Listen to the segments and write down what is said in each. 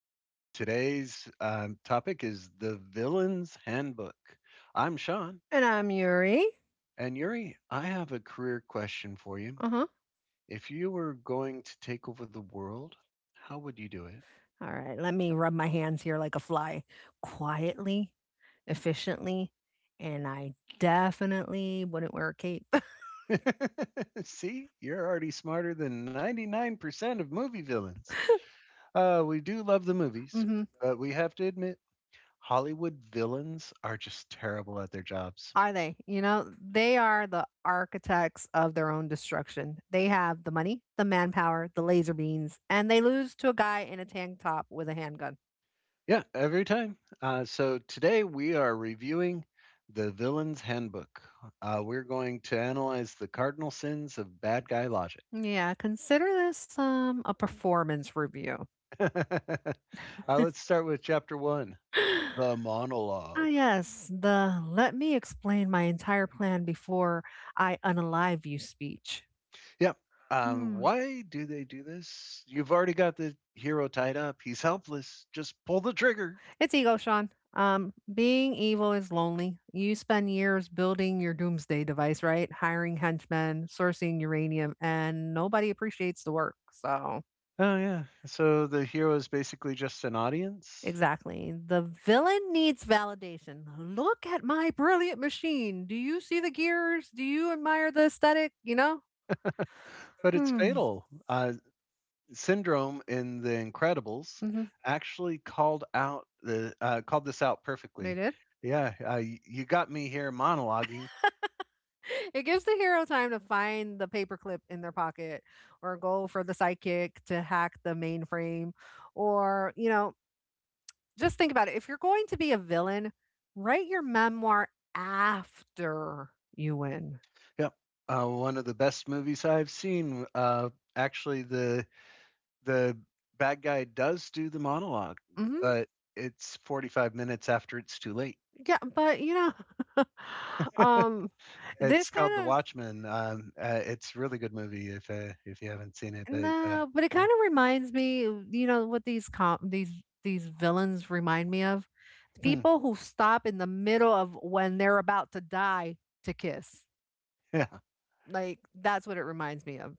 Today's topic is the Villain's Handbook. I'm Sean, And I'm Yuri. and Yuri, I have a career question for you. Uh huh. If you were going to take over the world, how would you do All right. Let me rub my hands here like a fly, quietly, efficiently. And I definitely wouldn't wear a cape. it? See, you're already smarter than 99% of movie villains. We do love the movies, Hmm. but we have to admit, Hollywood villains are just terrible at their jobs. Are they? You know, they are the architects of their own destruction. They have the money, the manpower, the laser beams, and they lose to a guy in a tank top with a handgun. Yeah, every time. So today we are reviewing the Villain's Handbook. We're going to analyze the cardinal sins of bad guy logic. Yeah, consider this a performance review. uh, let's start with chapter one, the Ah, monologue. yes, the let me explain my entire plan before I unalive you speech. Yeah. Hmm. Why do they do this? You've already got the hero tied up. He's helpless. Just pull the trigger. It's ego, Sean. Being evil is lonely. You spend years building your doomsday device, right? Hiring henchmen, sourcing uranium, and nobody appreciates the work. So, Oh, yeah. So the hero is basically just an audience, exactly. The villain needs validation. Look at my brilliant machine. Do you see the gears? Do you admire the aesthetic? You know? but it's Hmm. fatal. Syndrome in The Incredibles Hmm. actually called out the called this out They perfectly. did? Yeah, you got me here monologuing. It gives the hero time to find the paperclip in their pocket or go for the sidekick to hack the mainframe. Or, you know, just think about it. If you're going to be a villain, write your memoir after you win. Yep, one of the best movies I've seen. Actually, the the bad guy does do the monologue, Hmm. but it's 45 minutes after it's too late. Yeah, but you know, um, this It's called The kind of Watchmen. It's a really good movie if you haven't seen it. But No, but it yeah. kind of reminds me, you know, what these these villains remind me of? Hmm, People who stop in the middle of when they're about to die to kiss. yeah. Like that's what it reminds me of.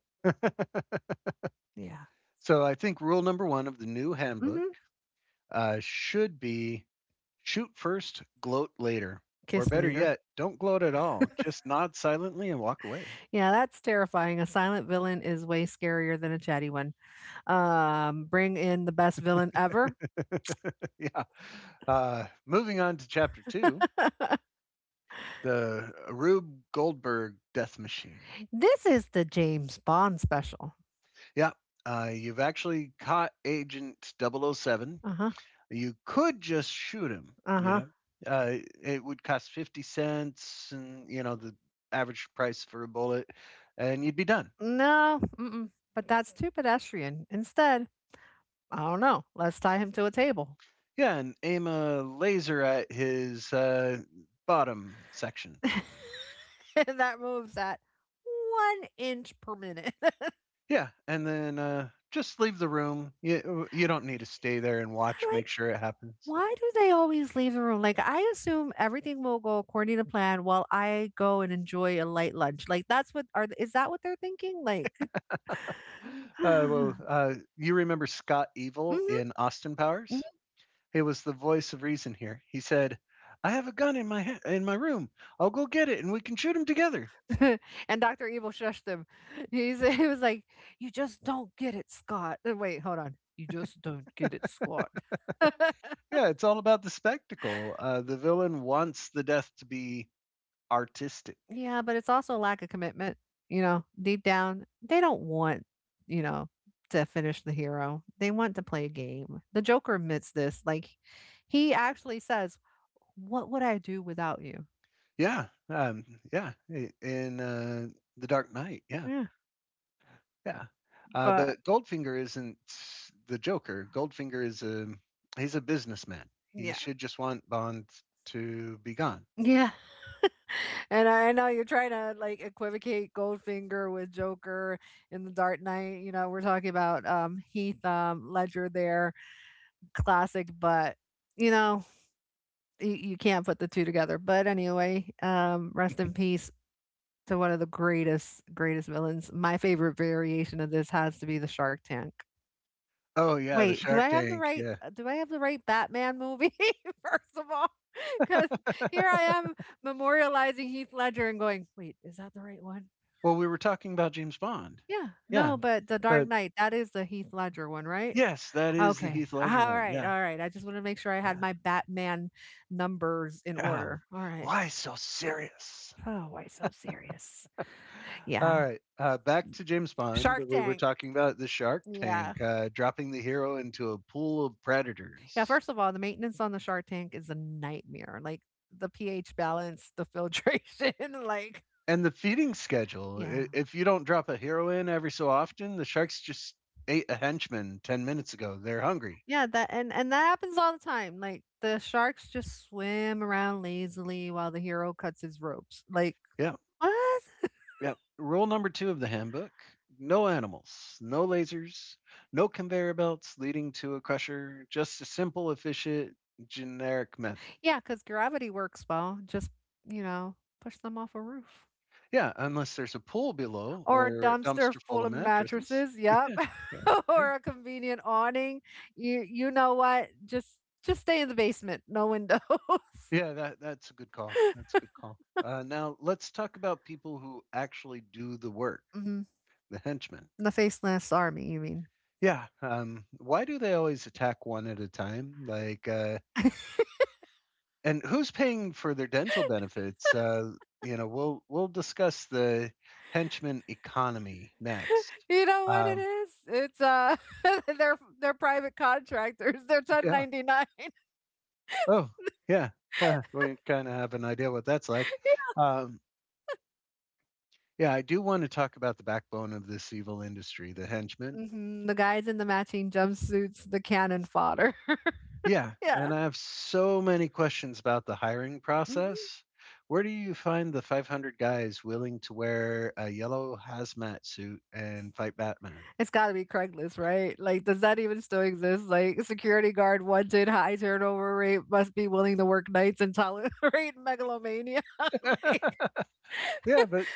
Yeah. So I think rule number one of the new handbook Hmm. Should be shoot first, gloat later. Or Kiss better later. yet, don't gloat at all. Just nod silently and walk away. Yeah, that's terrifying. A silent villain is way scarier than a chatty one. Bring in the best villain ever. yeah. Moving on to chapter two, the Rube Goldberg death machine. This is the James Bond special. Yeah. You've actually caught Agent double oh 007. Uh huh. You could just shoot him, Uh you huh. know. It would cost 50¢ and, you know, the average price for a bullet, and you'd be done. No, mm-mm, but that's too pedestrian. Instead, I don't know. Let's tie him to a table. Yeah, and aim a laser at his bottom section. And that moves at one inch per minute. Like, Yeah, and then just leave the room. You don't need to stay there and watch. Make sure it happens. why do they always leave the room? Like, I assume everything will go according to plan while I go and enjoy a light lunch. Like, that's what are is that what they're thinking? Like, Uh, well, uh, you remember Scott Evil hmm in Austin Powers? He was the voice of reason here. He said, "I have a gun in my in my room. I'll go get it, and we can shoot him together." and Doctor Evil shushed him. He he was like, "You just don't get it, Scott." Wait, hold on. You just don't get it, Scott. Yeah, it's all about the spectacle. The villain wants the death to be artistic. Yeah, but it's also a lack of commitment, you know, deep down, they don't want, you know, to finish the hero. They want to play a game. The Joker admits this. Like he actually says, "What would I do without you?" Yeah, yeah, I in, The Dark Knight, Yeah, yeah, but but Goldfinger isn't the Joker. Goldfinger is a he's a businessman. He yeah. should just want Bond to be gone. Yeah. And I know you're trying to like equivocate Goldfinger with Joker in The Dark Knight. You know, we're talking about Heath Ledger there, classic, but you know, you can't put the two together. But anyway, rest in peace to one of the greatest, greatest villains. My favorite variation of this has to be the Shark Tank. Oh, yeah, the Wait, do Shark I have the Tank, right? yeah. Do I have the right Batman movie? First of all, because here I am memorializing Heath Ledger and going, wait, is that the right one? Well, we were talking about James Bond. Yeah, Yeah, no, but The Dark but Knight, that is the Heath Ledger one, right? Yes, that is the Okay. Heath Ledger All one, right. yeah, All right. I just want to make sure I had yeah. my Batman numbers in Oh, order. All right. why so serious? Oh, why so serious? All Yeah. right, back to James Bond. Shark We were Tank. talking about the Shark Yeah. Tank dropping the hero into a pool of Yeah. predators. First of all, the maintenance on the Shark Tank is a nightmare. Like the pH balance, the filtration, like And the feeding schedule. yeah. If you don't drop a hero in every so often, the sharks just ate a henchman 10 minutes ago. They're hungry. Yeah, that and that happens all the time. Like the sharks just swim around lazily while the hero cuts his ropes. Like Yeah, what? yeah. Rule number two of the handbook: no animals, no lasers, no conveyor belts leading to a crusher, just a simple, efficient, generic method. yeah, cuz gravity works well. Just, you know, push them off a roof. Yeah, unless there's a pool below Or a or a dumpster dumpster full full of of mattresses. mattresses, yep. Yeah. Yeah. Or a convenient awning, you know what, just stay in the basement, no windows. Yeah, that's a good call. That's a good call. Now let's talk about people who actually do the work, Hmm. the henchmen. The faceless army you mean. Yeah. Why do they always attack one at a time? Like, and who's paying for their dental benefits? You know, we'll discuss the henchman economy next. You know what it Um, is, it's they're private contractors, they're yeah. 1099. Oh, yeah. Huh, we kind of have an idea what that's like. Um, yeah, I do want to talk about the backbone of this evil industry, the henchmen. Hmm. The guys in the matching jumpsuits, the cannon fodder. Yeah, Yeah. and I have so many questions about the hiring Hmm. process. Where do you find the 500 guys willing to wear a yellow hazmat suit and fight Batman? It's gotta be Craigslist, right? Like, does that even still exist? Like, security guard wanted, high turnover rate, must be willing to work nights and tolerate megalomania. Like, yeah, but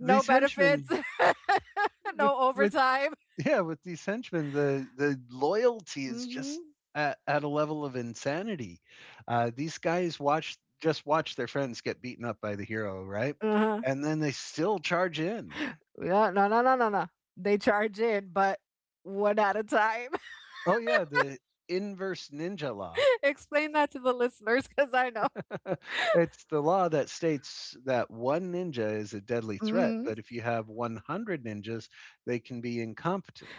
no these benefits, henchmen no with overtime. yeah, with these henchmen, the loyalty is just Hmm. At a level of insanity. These guys watch, just watch their friends get beaten up by the hero, right? Uh-huh. And then they still charge in. Yeah, no, no, no, no, no. They charge in, but one at a time. Oh yeah, the inverse ninja law. Explain that to the listeners, because I know. It's the law that states that one ninja is a deadly threat, Hmm. but if you have 100 ninjas, they can be incompetent.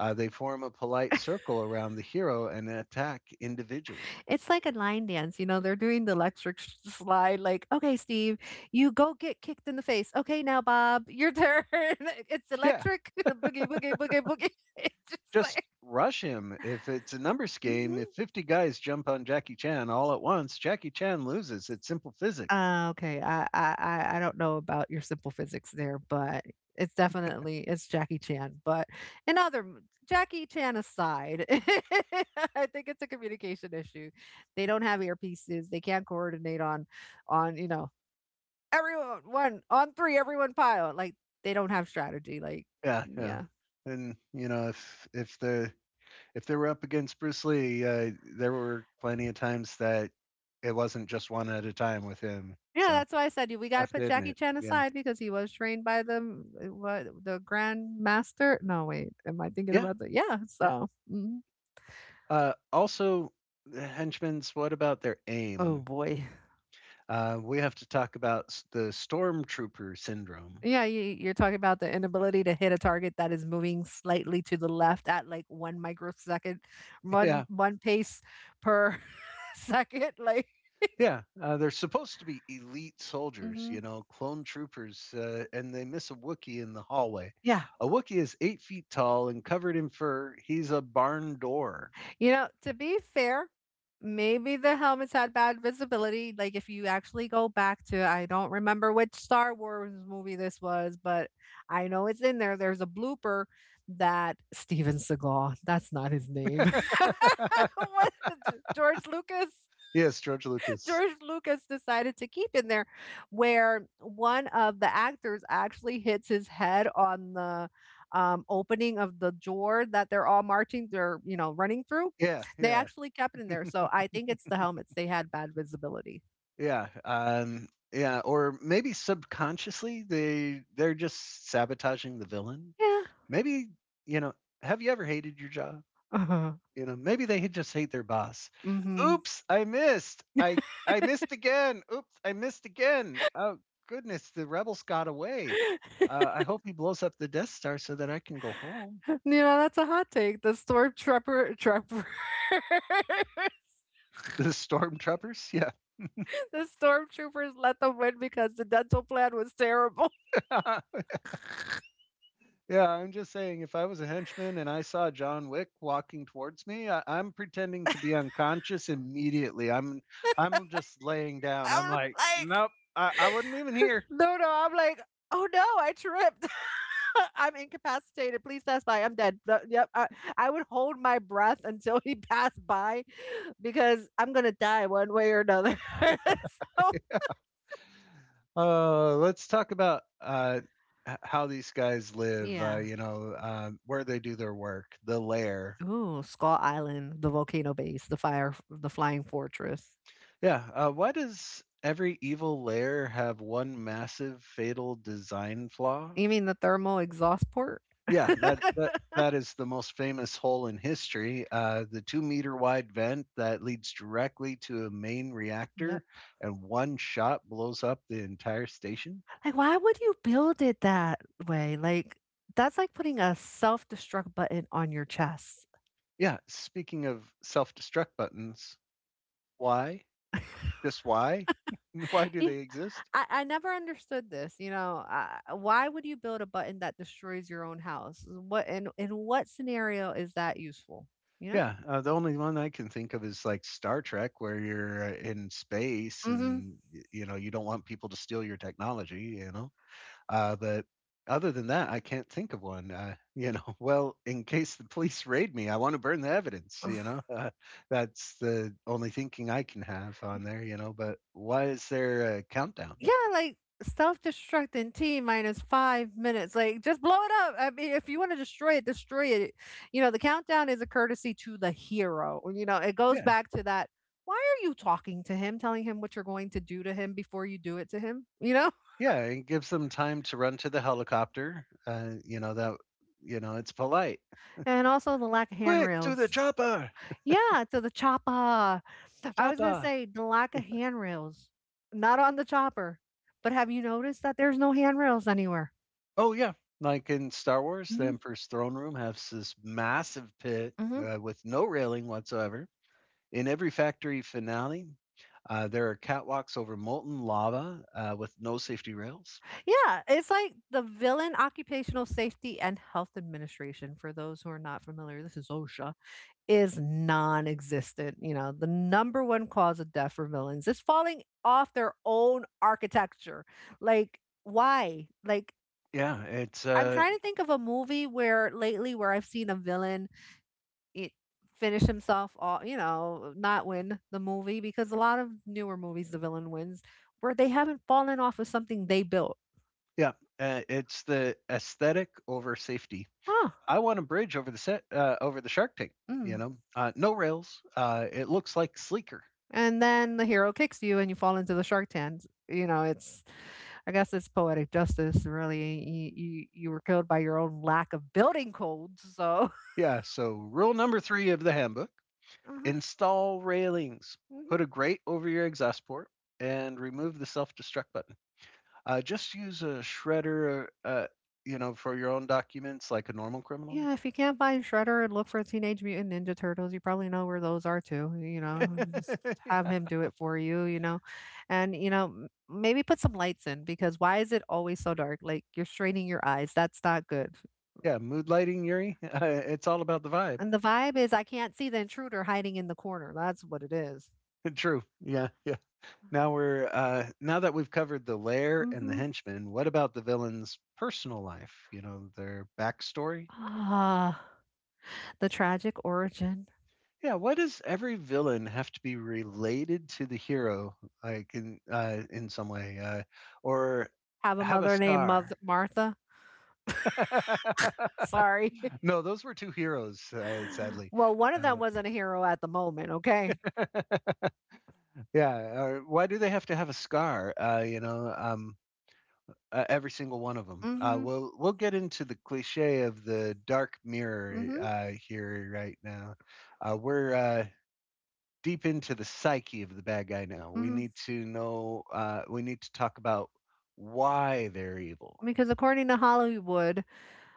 They form a polite circle around the hero and attack individually. It's like a line dance, you know, they're doing the electric sh slide, like, "Okay, Steve, you go get kicked in the face. Okay, now, Bob, your turn. It's Yeah, electric. Boogie, boogie, boogie, boogie." It's just just like rush him. If it's a numbers game, mhm. if 50 guys jump on Jackie Chan all at once, Jackie Chan loses. It's simple physics. Ah, okay, I don't know about your simple physics there, but it's definitely it's Jackie Chan, but in other m Jackie Chan aside, I think it's a communication issue. They don't have earpieces, they can't coordinate on you know, everyone one on three, everyone pile. Like they don't have strategy. Like Yeah, yeah. yeah, And you know, if they were up against Bruce Lee, there were plenty of times that it wasn't just one at a time with him. yeah. So That's why I said you. We got I to have put to Jackie admit, Chan yeah, aside because he was trained by the m- what the Grand Master. No, wait. Am I thinking yeah, about that? Yeah. yeah. So mhm. Also, the henchmen's. What about their Oh aim? boy. We have to talk about the stormtrooper syndrome. Yeah, you're talking about the inability to hit a target that is moving slightly to the left at like one microsecond, Yeah, one pace per second. Like. yeah. They're supposed to be elite soldiers, you Mhm. know, clone troopers, and they miss a Wookiee in the hallway. Yeah. A Wookiee is 8 feet tall and covered in fur. He's a barn door. You know, to be fair, maybe the helmets had bad visibility. Like if you actually go back to, I don't remember which Star Wars movie this was, but I know it's in there. There's a blooper that Steven Seagal, that's not his name. What? George Lucas? Yes, George Lucas. George Lucas decided to keep in there, where one of the actors actually hits his head on the opening of the door that they're all marching, they're, you know, running through. Yeah, They yeah, actually kept it in there. So I think it's the helmets. They had bad visibility. yeah. Yeah, or maybe subconsciously they're just sabotaging the villain. Yeah. Maybe, you know, have you ever hated your job? Uh-huh. You know, maybe they just hate their boss. Hmm. Oops, I missed. I missed again. Oops, I missed again. Oh goodness, the rebels got away. I hope he blows up the Death Star so that I can go home. You know, that's a hot take. The stormtrooper, trooper, The stormtroopers, yeah. the stormtroopers let them win because the dental plan was terrible. Yeah, I'm just saying, if I was a henchman and I saw John Wick walking towards me, I'm pretending to be unconscious immediately. I'm just laying down. I'm I'm like, like, nope, I wasn't even here. no, I'm like, oh no, I tripped. I'm incapacitated. Please pass by. I'm dead. Yep. I would hold my breath until he passed by because I'm gonna die one way or another. So Let's talk about how these guys live. Yeah. You know, where they do their work, the lair. Ooh, Skull Island, the volcano base, the fire, the flying fortress. Yeah. Why does every evil lair have one massive fatal design flaw? You mean the thermal exhaust port? Yeah, that is the most famous hole in history. The two-meter wide vent that leads directly to a main Yep. reactor, and one shot blows up the entire station. Like, why would you build it that way? Like, that's like putting a self destruct button on your chest. Yeah, speaking of self-destruct buttons, why? Just why? why do they exist? I never understood this. You know, why would you build a button that destroys your own house? What in what scenario is that useful? You know? Yeah, the only one I can think of is like Star Trek, where you're in space Hmm. and you know you don't want people to steal your technology. You know. But other than that, I can't think of one. You know, well, in case the police raid me, I want to burn the evidence. You know, that's the only thinking I can have on there. You know, but why is there a countdown? Yeah, like self destruct in T minus 5 minutes. Like just blow it up. I mean, if you want to destroy it, destroy it. You know, the countdown is a courtesy to the hero. You know, it goes Yeah, back to that. Why are you talking to him, telling him what you're going to do to him before you do it to him? You know? yeah, it gives them time to run to the helicopter. You know that. You know, it's polite. And also the lack of Quick to the handrails. chopper, Yeah, to the chopper. I was gonna chopper. say the lack of handrails, not on the chopper, but have you noticed that there's no handrails anywhere? Oh yeah, like in Star Wars, the Mhm, Emperor's throne room has this massive pit mhm. With no railing whatsoever. In every factory finale, there are catwalks over molten lava with no safety rails. Yeah, it's like the Villain Occupational Safety and Health Administration, for those who are not familiar, this is OSHA, is non-existent. You know, the number one cause of death for villains is falling off their own architecture. Like, why? Like, Yeah, it's I'm uh, trying to think of a movie where lately where I've seen a villain it finish himself off, you know, not win the movie because a lot of newer movies the villain wins where they haven't fallen off of something they built. yeah, it's the aesthetic over safety. Huh. I want a bridge over the set over the Shark Tank. Mm. You know, no rails. It looks like sleeker. And then the hero kicks you and you fall into the shark tanks. You know, it's I guess it's poetic justice really. You were killed by your own lack of building codes, so Yeah. So rule number three of the handbook: uh-huh. install railings. Put Mhm. a grate over your exhaust port and remove the self-destruct button. Just use a shredder, you know, for your own documents like a normal criminal. Yeah, if you can't find Shredder and look for Teenage Mutant Ninja Turtles, you probably know where those are too, you know? Just have yeah. him do it for you, you know? And, you know, maybe put some lights in because why is it always so dark? Like you're straining your eyes. That's not good. Yeah, mood lighting, Yuri. It's all about the vibe. And the vibe is I can't see the intruder hiding in the corner. That's what it is. True. Yeah, yeah. Now that we've covered the lair and the Mm-hmm. henchmen. What about the villain's personal life? You know, their backstory. Ah, the tragic origin. Yeah, why does every villain have to be related to the hero, like in some way, or Have a have a mother named scar? Martha. Sorry. No, those were two heroes, sadly. Well, one of them Uh, wasn't a hero at the moment, okay? yeah. Or why do they have to have a scar? You know, every single one of them. Uh, Mm-hmm. we'll we'll get into the cliche of the dark mirror Mm-hmm. Here right now. We're Deep into the psyche of the bad guy now. We Mm-hmm. need to know. We need to talk about why they're evil, Because according to Hollywood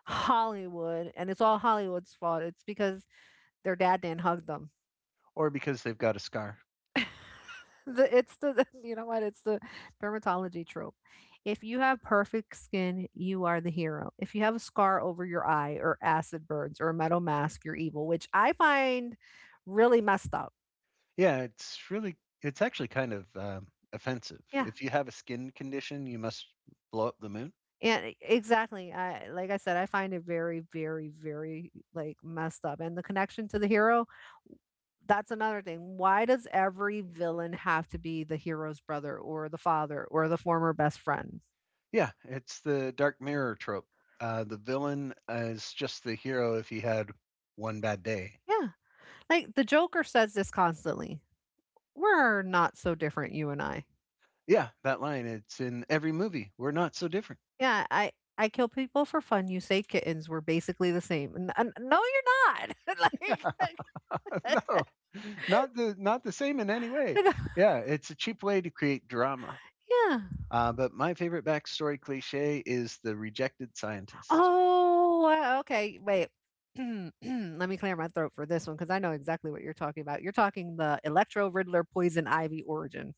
Hollywood, and it's all Hollywood's fault, it's because their dad didn't hug them. or because they've got a scar. It's the you know what? It's the dermatology trope. If you have perfect skin, you are the hero. If you have a scar over your eye or acid burns or a metal mask, you're evil, which I find really messed up. Yeah, it's really, it's actually kind of, offensive. Yeah. If you have a skin condition, you must blow up the moon? Exactly, I like I said, I find it very, very, very like messed up. And the connection to the hero, that's another thing. Why does every villain have to be the hero's brother or the father or the former best friend? Yeah, it's the dark mirror trope. The villain is just the hero if he had one bad day. Yeah. Like the Joker says this constantly. We're not so different, you and I. Yeah, that line, it's in every movie. We're not so different. Yeah, I kill people for fun. You say kittens. We're basically the same. No, you're not. No, not the not the same in any way. you know, Yeah, it's a cheap way to create drama. yeah. But my favorite backstory cliché is the rejected scientist. Oh, wow, okay, wait. Let me clear my throat for this one because I know exactly what you're talking about. You're talking the Electro Riddler Poison Ivy origin.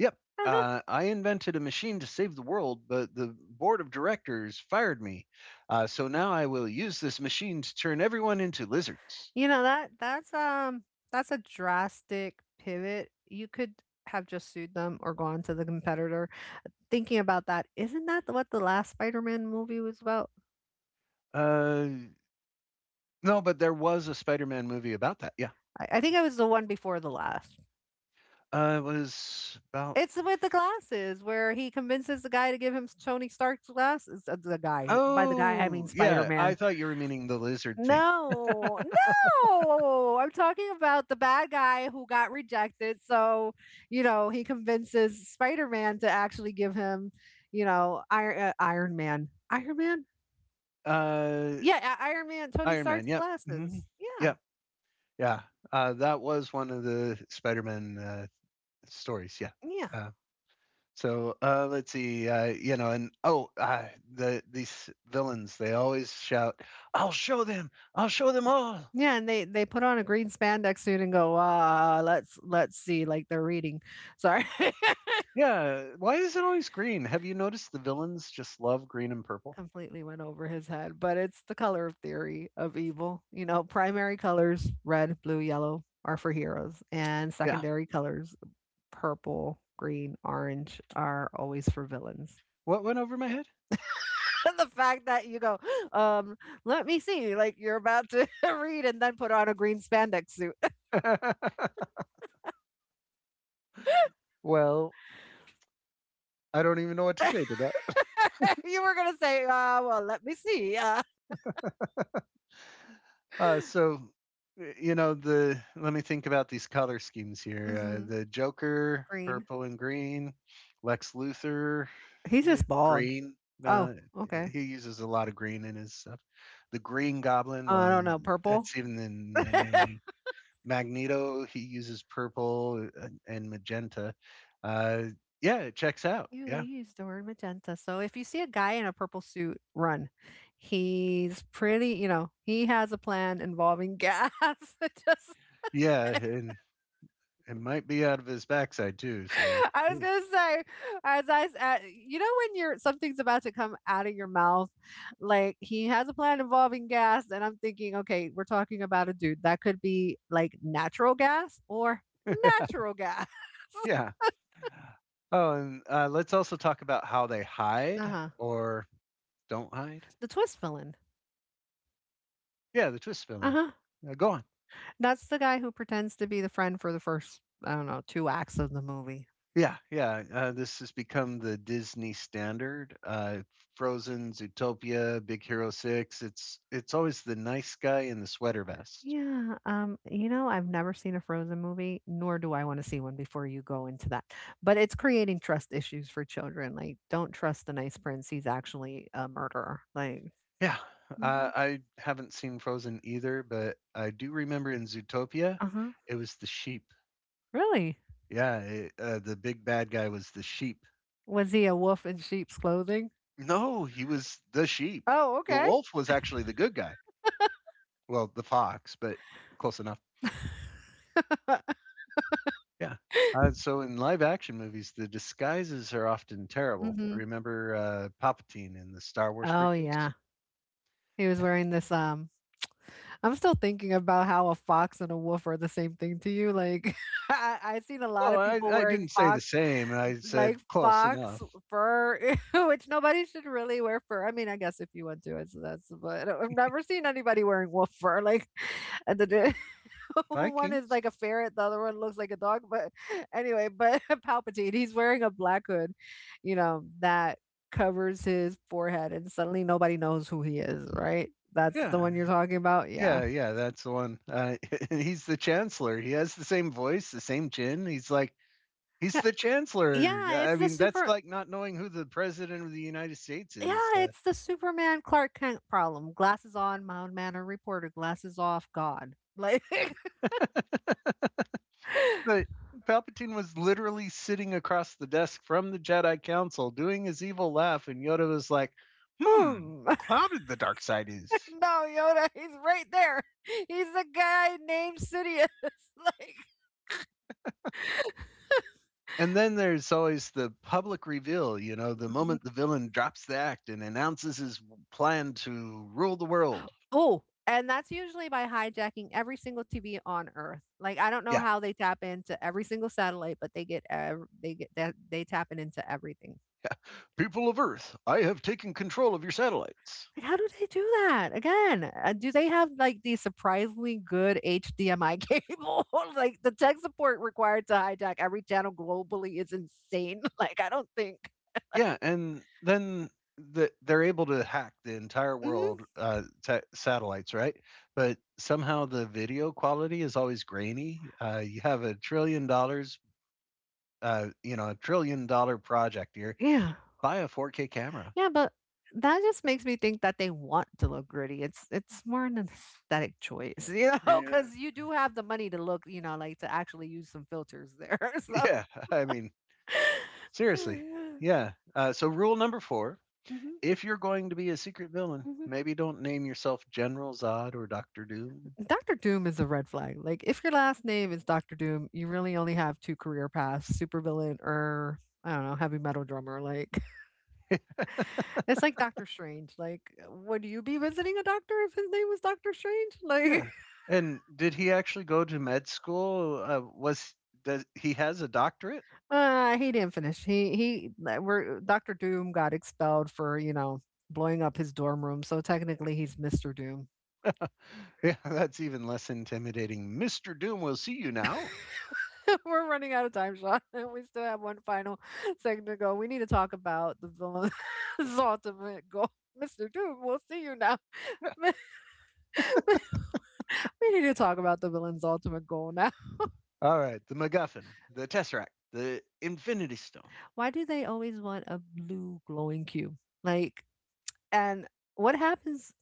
Yep. Uh-huh. I invented a machine to save the world, but the board of directors fired me. So now I will use this machine to turn everyone into lizards. You know, that's that's a drastic pivot. You could have just sued them or gone to the competitor. Thinking about that, isn't that the what the last Spider-Man movie was about? Uh, no, but there was a Spider Man movie about that. Yeah. I think it was the one before the last. It was about. It's with the glasses where he convinces the guy to give him Tony Stark's glasses, the guy. By the guy, I mean Oh, yeah. Spider-Man. I thought you were meaning the lizard thing. No, no! I'm talking about the bad guy who got rejected, so, you know, he convinces Spider-Man to actually give him, you know, Iron Man. Iron Man? Uh, Yeah, I Iron Man, Tony Iron Stark's Man. Yep. hmm glasses. Yeah, Yep. Yeah. That was one of the Spider Man stories. Yeah. yeah, Uh, So let's see, and oh, these villains they always shout, "I'll show them! I'll show them all!" yeah, and they put on a green spandex suit and go, "Let's see," like they're reading. Sorry. Yeah, why is it always green? Have you noticed the villains just love green and purple? Completely went over his head, but it's the color theory of evil. You know, primary colors, red, blue, yellow, are for heroes, and Yeah, secondary colors, purple, green, orange, are always for villains. what went over my head? The fact that you go, um, let me see, like you're about to read and then put on a green spandex suit. Well, I don't even know what to say to that. You were going to say, well, let me see. So, y- you know, the let me think about these color schemes here. Mhm, The Joker, green. purple and green. Lex Luthor, He's eh, just bald. green. Oh, No, okay. he uses a lot of green in his stuff. The Green Goblin, I don't well, know. Purple. that's even in the name. Magneto, he uses purple and magenta. Uh, yeah, it checks out. You Yeah, used the word magenta. So if you see a guy in a purple suit, run. He's pretty, you know, he has a plan involving gas. Just yeah, saying. and it might be out of his backside too. So I was gonna say, you know, when you're something's about to come out of your mouth, like he has a plan involving gas, and I'm thinking, okay, we're talking about a dude that could be like natural gas or natural gas. yeah. Oh, and let's also talk about how they Uh hide huh. or don't hide. The twist villain. Yeah, the twist Uh villain. huh. Go That's the guy who pretends to be the friend for the first, I don't know, 2 acts of the movie. Yeah, yeah. This has become the Disney standard. Frozen, Zootopia, Big Hero Six. It's always the nice guy in the sweater vest. Yeah, you know, I've never seen a Frozen movie, nor do I wanna see one before you go into that, but it's creating trust issues for children, like, don't trust the nice prince, he's actually a murderer, like, Yeah, mhm. I haven't seen Frozen either, but I do remember in Zootopia, Uh-huh. it was the sheep. Really? Yeah, the big bad guy was the sheep. Was he a wolf in sheep's clothing? No, he was the sheep. Oh, The okay. wolf was actually the good guy. Well, the fox, but close enough. Yeah. So in live action movies, the disguises are often terrible. Mhm. Remember Palpatine in the Star Wars Oh, prequels? yeah. He was Yeah. wearing this, I'm still thinking about how a fox and a wolf are the same thing to you. Like, I've seen a lot Well, of I, people I wearing didn't say the fox, same. I said like close fox enough. fur, which nobody should really wear fur. I mean, I guess if you want to, it's that's. But I've never seen anybody wearing wolf fur. Like, and the one is Vikings? like a ferret, the other one looks like a dog. But anyway, but Palpatine, he's wearing a black hood, you know, that covers his forehead, and suddenly nobody knows who he is. Right? That's the Yeah. one you're talking about. Yeah. Yeah. Yeah. That's the one. He's the Chancellor. He has the same voice, the same chin. He's the Chancellor. Yeah, it's I the mean, that's super like not knowing who the President of the United States is. yeah, it's the Superman Clark Kent problem. Glasses on, mild manner reporter. Glasses off, God. Like, But Palpatine was literally sitting across the desk from the Jedi Council doing his evil laugh, and Yoda was like, hmm, hmm. No, clouded the dark side is. Yoda, he's right there. He's the guy named Sidious. Like, And then there's always the public reveal, the mhm. moment the villain drops the act and announces his plan to rule the world. Oh, and that's usually by hijacking every single TV on Earth. Like, I don't know Yeah, how they tap into every single satellite, but they get that they tap into everything. yeah. People of Earth, I have taken control of your satellites. Like, how do they do that? Again, do they have like the surprisingly good HDMI cable? Like the tech support required to hijack every channel globally is insane. Like, I don't think. Yeah, and then they're able to hack the entire Mhm. world satellites, right? But somehow the video quality is always grainy. You have $1 trillion, $1 trillion project here. Yeah. Buy a 4K camera. Yeah, but that just makes me think that they want to look gritty. It's more an aesthetic choice, you know, Yeah. because you do have the money to look, you know, like to actually use some filters there. So Yeah. I mean, seriously. Yeah. So, rule number four, mhm. if you're going to be a secret villain, Mhm. maybe don't name yourself General Zod or Doctor Doom. Doctor Doom is a red flag. Like, if your last name is Doctor Doom, you really only have two career paths: supervillain or I don't know, heavy metal drummer. Like, it's like Doctor Strange. Like, would you be visiting a doctor if his name was Doctor Strange? Like, Yeah. And did he actually go to med school? Was Does he has a doctorate? He didn't finish. We're Doctor Doom got expelled for you know blowing up his dorm room, so technically he's Mister Doom. Yeah, that's even less intimidating. Mr. Doom will see you now. We're running out of time, Sean. We still have one final segment to go. We need to talk about the villain's ultimate goal. Mr. Doom, we'll see you now. Yeah. We need to talk about the villain's ultimate goal now. All right, the MacGuffin, the Tesseract, the Infinity Stone. Why do they always want a blue glowing cube? Like, and what happens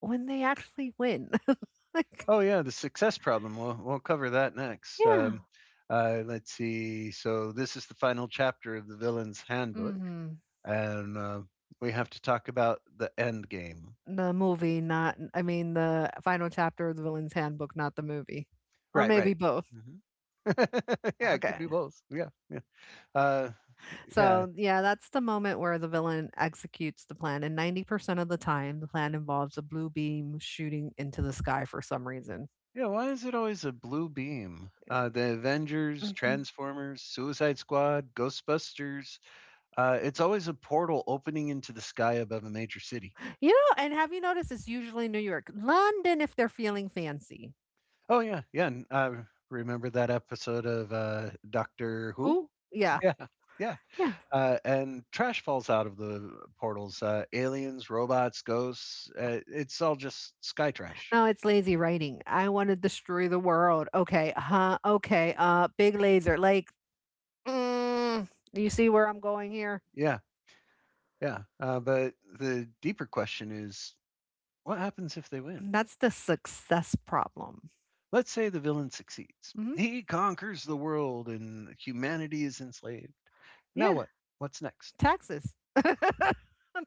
when they actually win? Like, Oh yeah, the success problem. We'll cover that next. yeah. Let's see. So this is the final chapter of the villain's handbook, Hmm. and we have to talk about the end game. The movie, not, I mean, the final chapter of the villain's handbook, not the movie. Or Right, maybe right. both. Mhm. Yeah, it could be Okay. both. Yeah, yeah. Uh, Yeah. So, yeah, that's the moment where the villain executes the plan. And 90% of the time, the plan involves a blue beam shooting into the sky for some reason. Yeah, why is it always a blue beam? The Avengers, Mhm. Transformers, Suicide Squad, Ghostbusters. It's always a portal opening into the sky above a major city. You know, and have you noticed it's usually New York, London if they're feeling fancy. Oh, yeah. Yeah. And, remember that episode of Doctor Who? Oh, yeah. Yeah. Yeah. Yeah. And trash falls out of the portals aliens, robots, ghosts. It's all just sky trash. No, it's lazy writing. I want to destroy the world. Okay. Huh. Okay. Big laser. Like, mm, you see where I'm going here? Yeah. Yeah. But the deeper question is, what happens if they win? That's the success problem. Let's say the villain succeeds. Hmm. He conquers the world and humanity is enslaved. Now Yeah. what? What's next? Taxes. Uh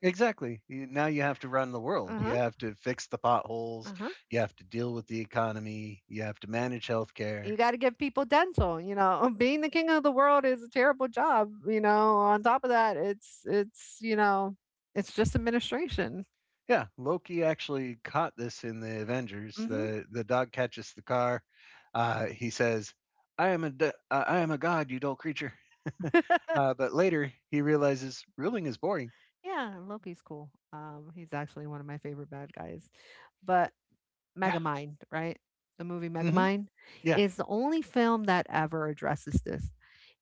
Exactly. Now you have to run the world. You huh. have to fix the potholes. Uh-huh. You have to deal with the economy. You have to manage healthcare. You gotta give people dental, you know, being the king of the world is a terrible job, you know, on top of that, you know, it's just administration. Yeah, Loki actually caught this in the Avengers. Mhm. The dog catches the car. He says, I am a god, you dull creature." But later he realizes ruling is boring. Yeah, Loki's cool. He's actually one of my favorite bad guys. But Yeah. Megamind, right? The movie hmm Megamind Yeah. is the only film that ever addresses this.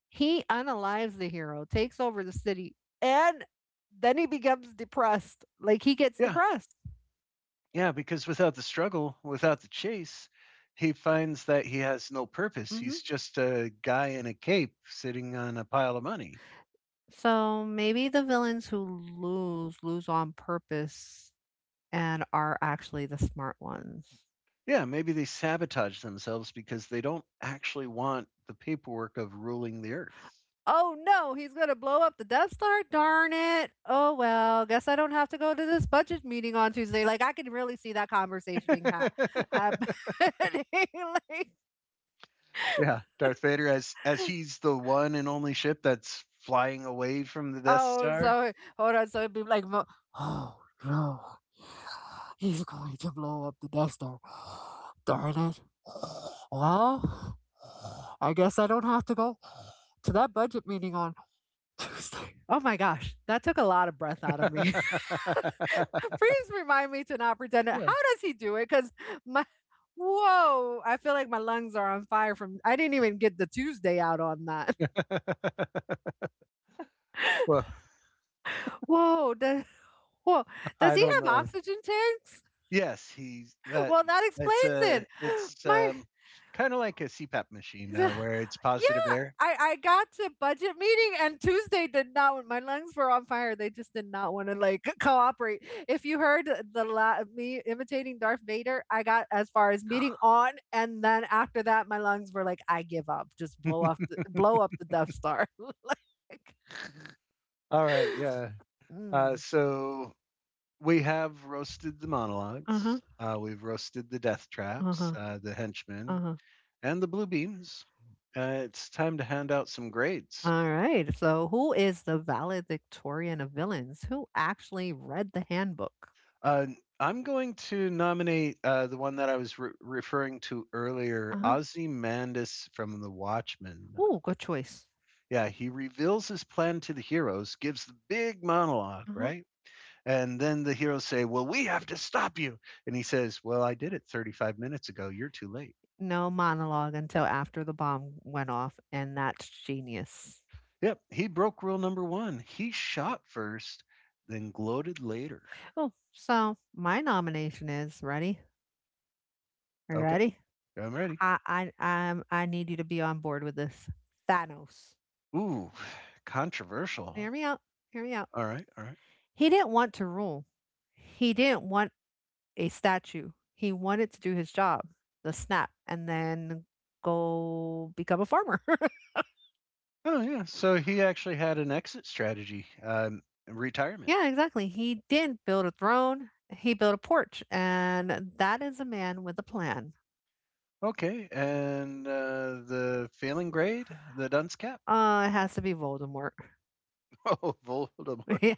He unalives the hero, takes over the city, and then he becomes depressed. Like he gets Yeah. depressed. Yeah, because without the struggle, without the chase, he finds that he has no purpose. Hmm. He's just a guy in a cape sitting on a pile of money. So maybe the villains who lose lose on purpose and are actually the smart ones. Yeah, maybe they sabotage themselves because they don't actually want the paperwork of ruling the earth. Oh no, he's going to blow up the Death Star. Darn it. Oh well, guess I don't have to go to this budget meeting on Tuesday. Like I can really see that conversation happening. Like, Yeah, Darth Vader as he's the one and only ship that's flying away from the Death oh, Star. so hold on. So it'd be like, oh no, he's going to blow up the Death Star. Darn it. Well, I guess I don't have to go to that budget meeting on Tuesday. Oh my gosh, that took a lot of breath out of me. Please remind me to not pretend it. Yeah. How does he do it? Because my whoa, I feel like my lungs are on fire from I didn't even get the Tuesday out on that. Well, Whoa, does whoa, does I he don't have know. oxygen tanks? Yes, he's that Well, that it's explains a it. it's, My, um, kinda like a CPAP machine, the, where it's, yep, positive yeah, air. I got to budget meeting and Tuesday did not want my lungs were on fire. They just did not want to like cooperate. If you heard the me imitating Darth Vader, I got as far as meeting on, and then after that, my lungs were like, I give up. Just blow up the Death Star. Like, All right, yeah. Mm, So we have roasted the uh huh, monologues, we've roasted the death uh traps, huh, the uh henchmen, huh. and the blue beams. It's time to hand out some grades. All right. So, who is the valedictorian of villains? Who actually read the handbook? Uh, I'm going to nominate, the one that I was re referring to earlier, Uh huh. Ozymandias from The Watchmen. Oh, good choice. Yeah, he reveals his plan to the heroes, gives the big monologue, Uh huh. right? And then the heroes say, "Well, we have to stop you." And he says, "Well, I did it 35 minutes ago. You're too late." No monologue until after the bomb went off, and that's genius. Yep, he broke rule number one. He shot first, then gloated later. Oh, so my nomination is ready. Okay, Ready? I'm ready. I need you to be on board with this. Thanos. Ooh, Hear controversial. me out. Hear me out. All right, all right. He didn't want to rule. He didn't want a statue. He wanted to do his job, the snap, and then go become a farmer. Oh, yeah. So he actually had an exit strategy, retirement. Yeah, exactly. He didn't build a throne, he built a porch. And that is a man with a plan. Okay, and the failing grade, the dunce cap. It has to be Voldemort. Oh, Voldemort. Yeah,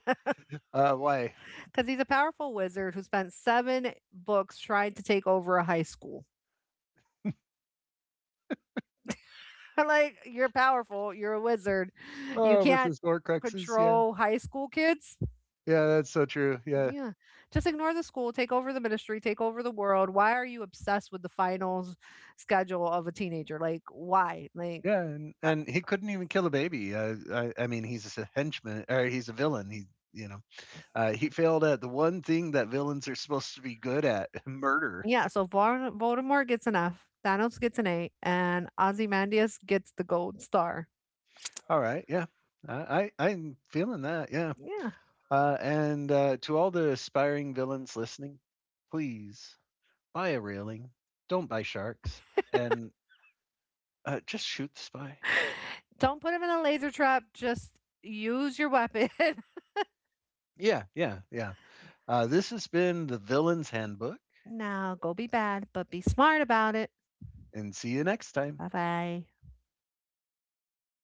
Why? because he's a powerful wizard who spent seven books trying to take over a high school. Like, you're powerful, you're a wizard. You Oh, with can't his Horcruxes, yeah. control high school kids. Yeah, that's so true. Yeah. Yeah. Just ignore the school, take over the ministry, take over the world. Why are you obsessed with the finals schedule of a teenager? Like, why? Like, Yeah, and, uh, and he couldn't even kill a baby. I mean, he's a henchman, or he's a villain. You know, he failed at the one thing that villains are supposed to be good at: murder. yeah. So Voldemort gets an F, Thanos gets an A, and Ozymandias gets the gold star. All right, yeah, I'm feeling that. Yeah, Yeah. And to all the aspiring villains listening, please buy a railing, don't buy sharks, and just shoot the spy. Don't put him in a laser trap. Just use your weapon. Yeah, yeah, yeah. This has been the Villain's Handbook, Now, go be bad, but be smart about it. and see you next time. Bye bye.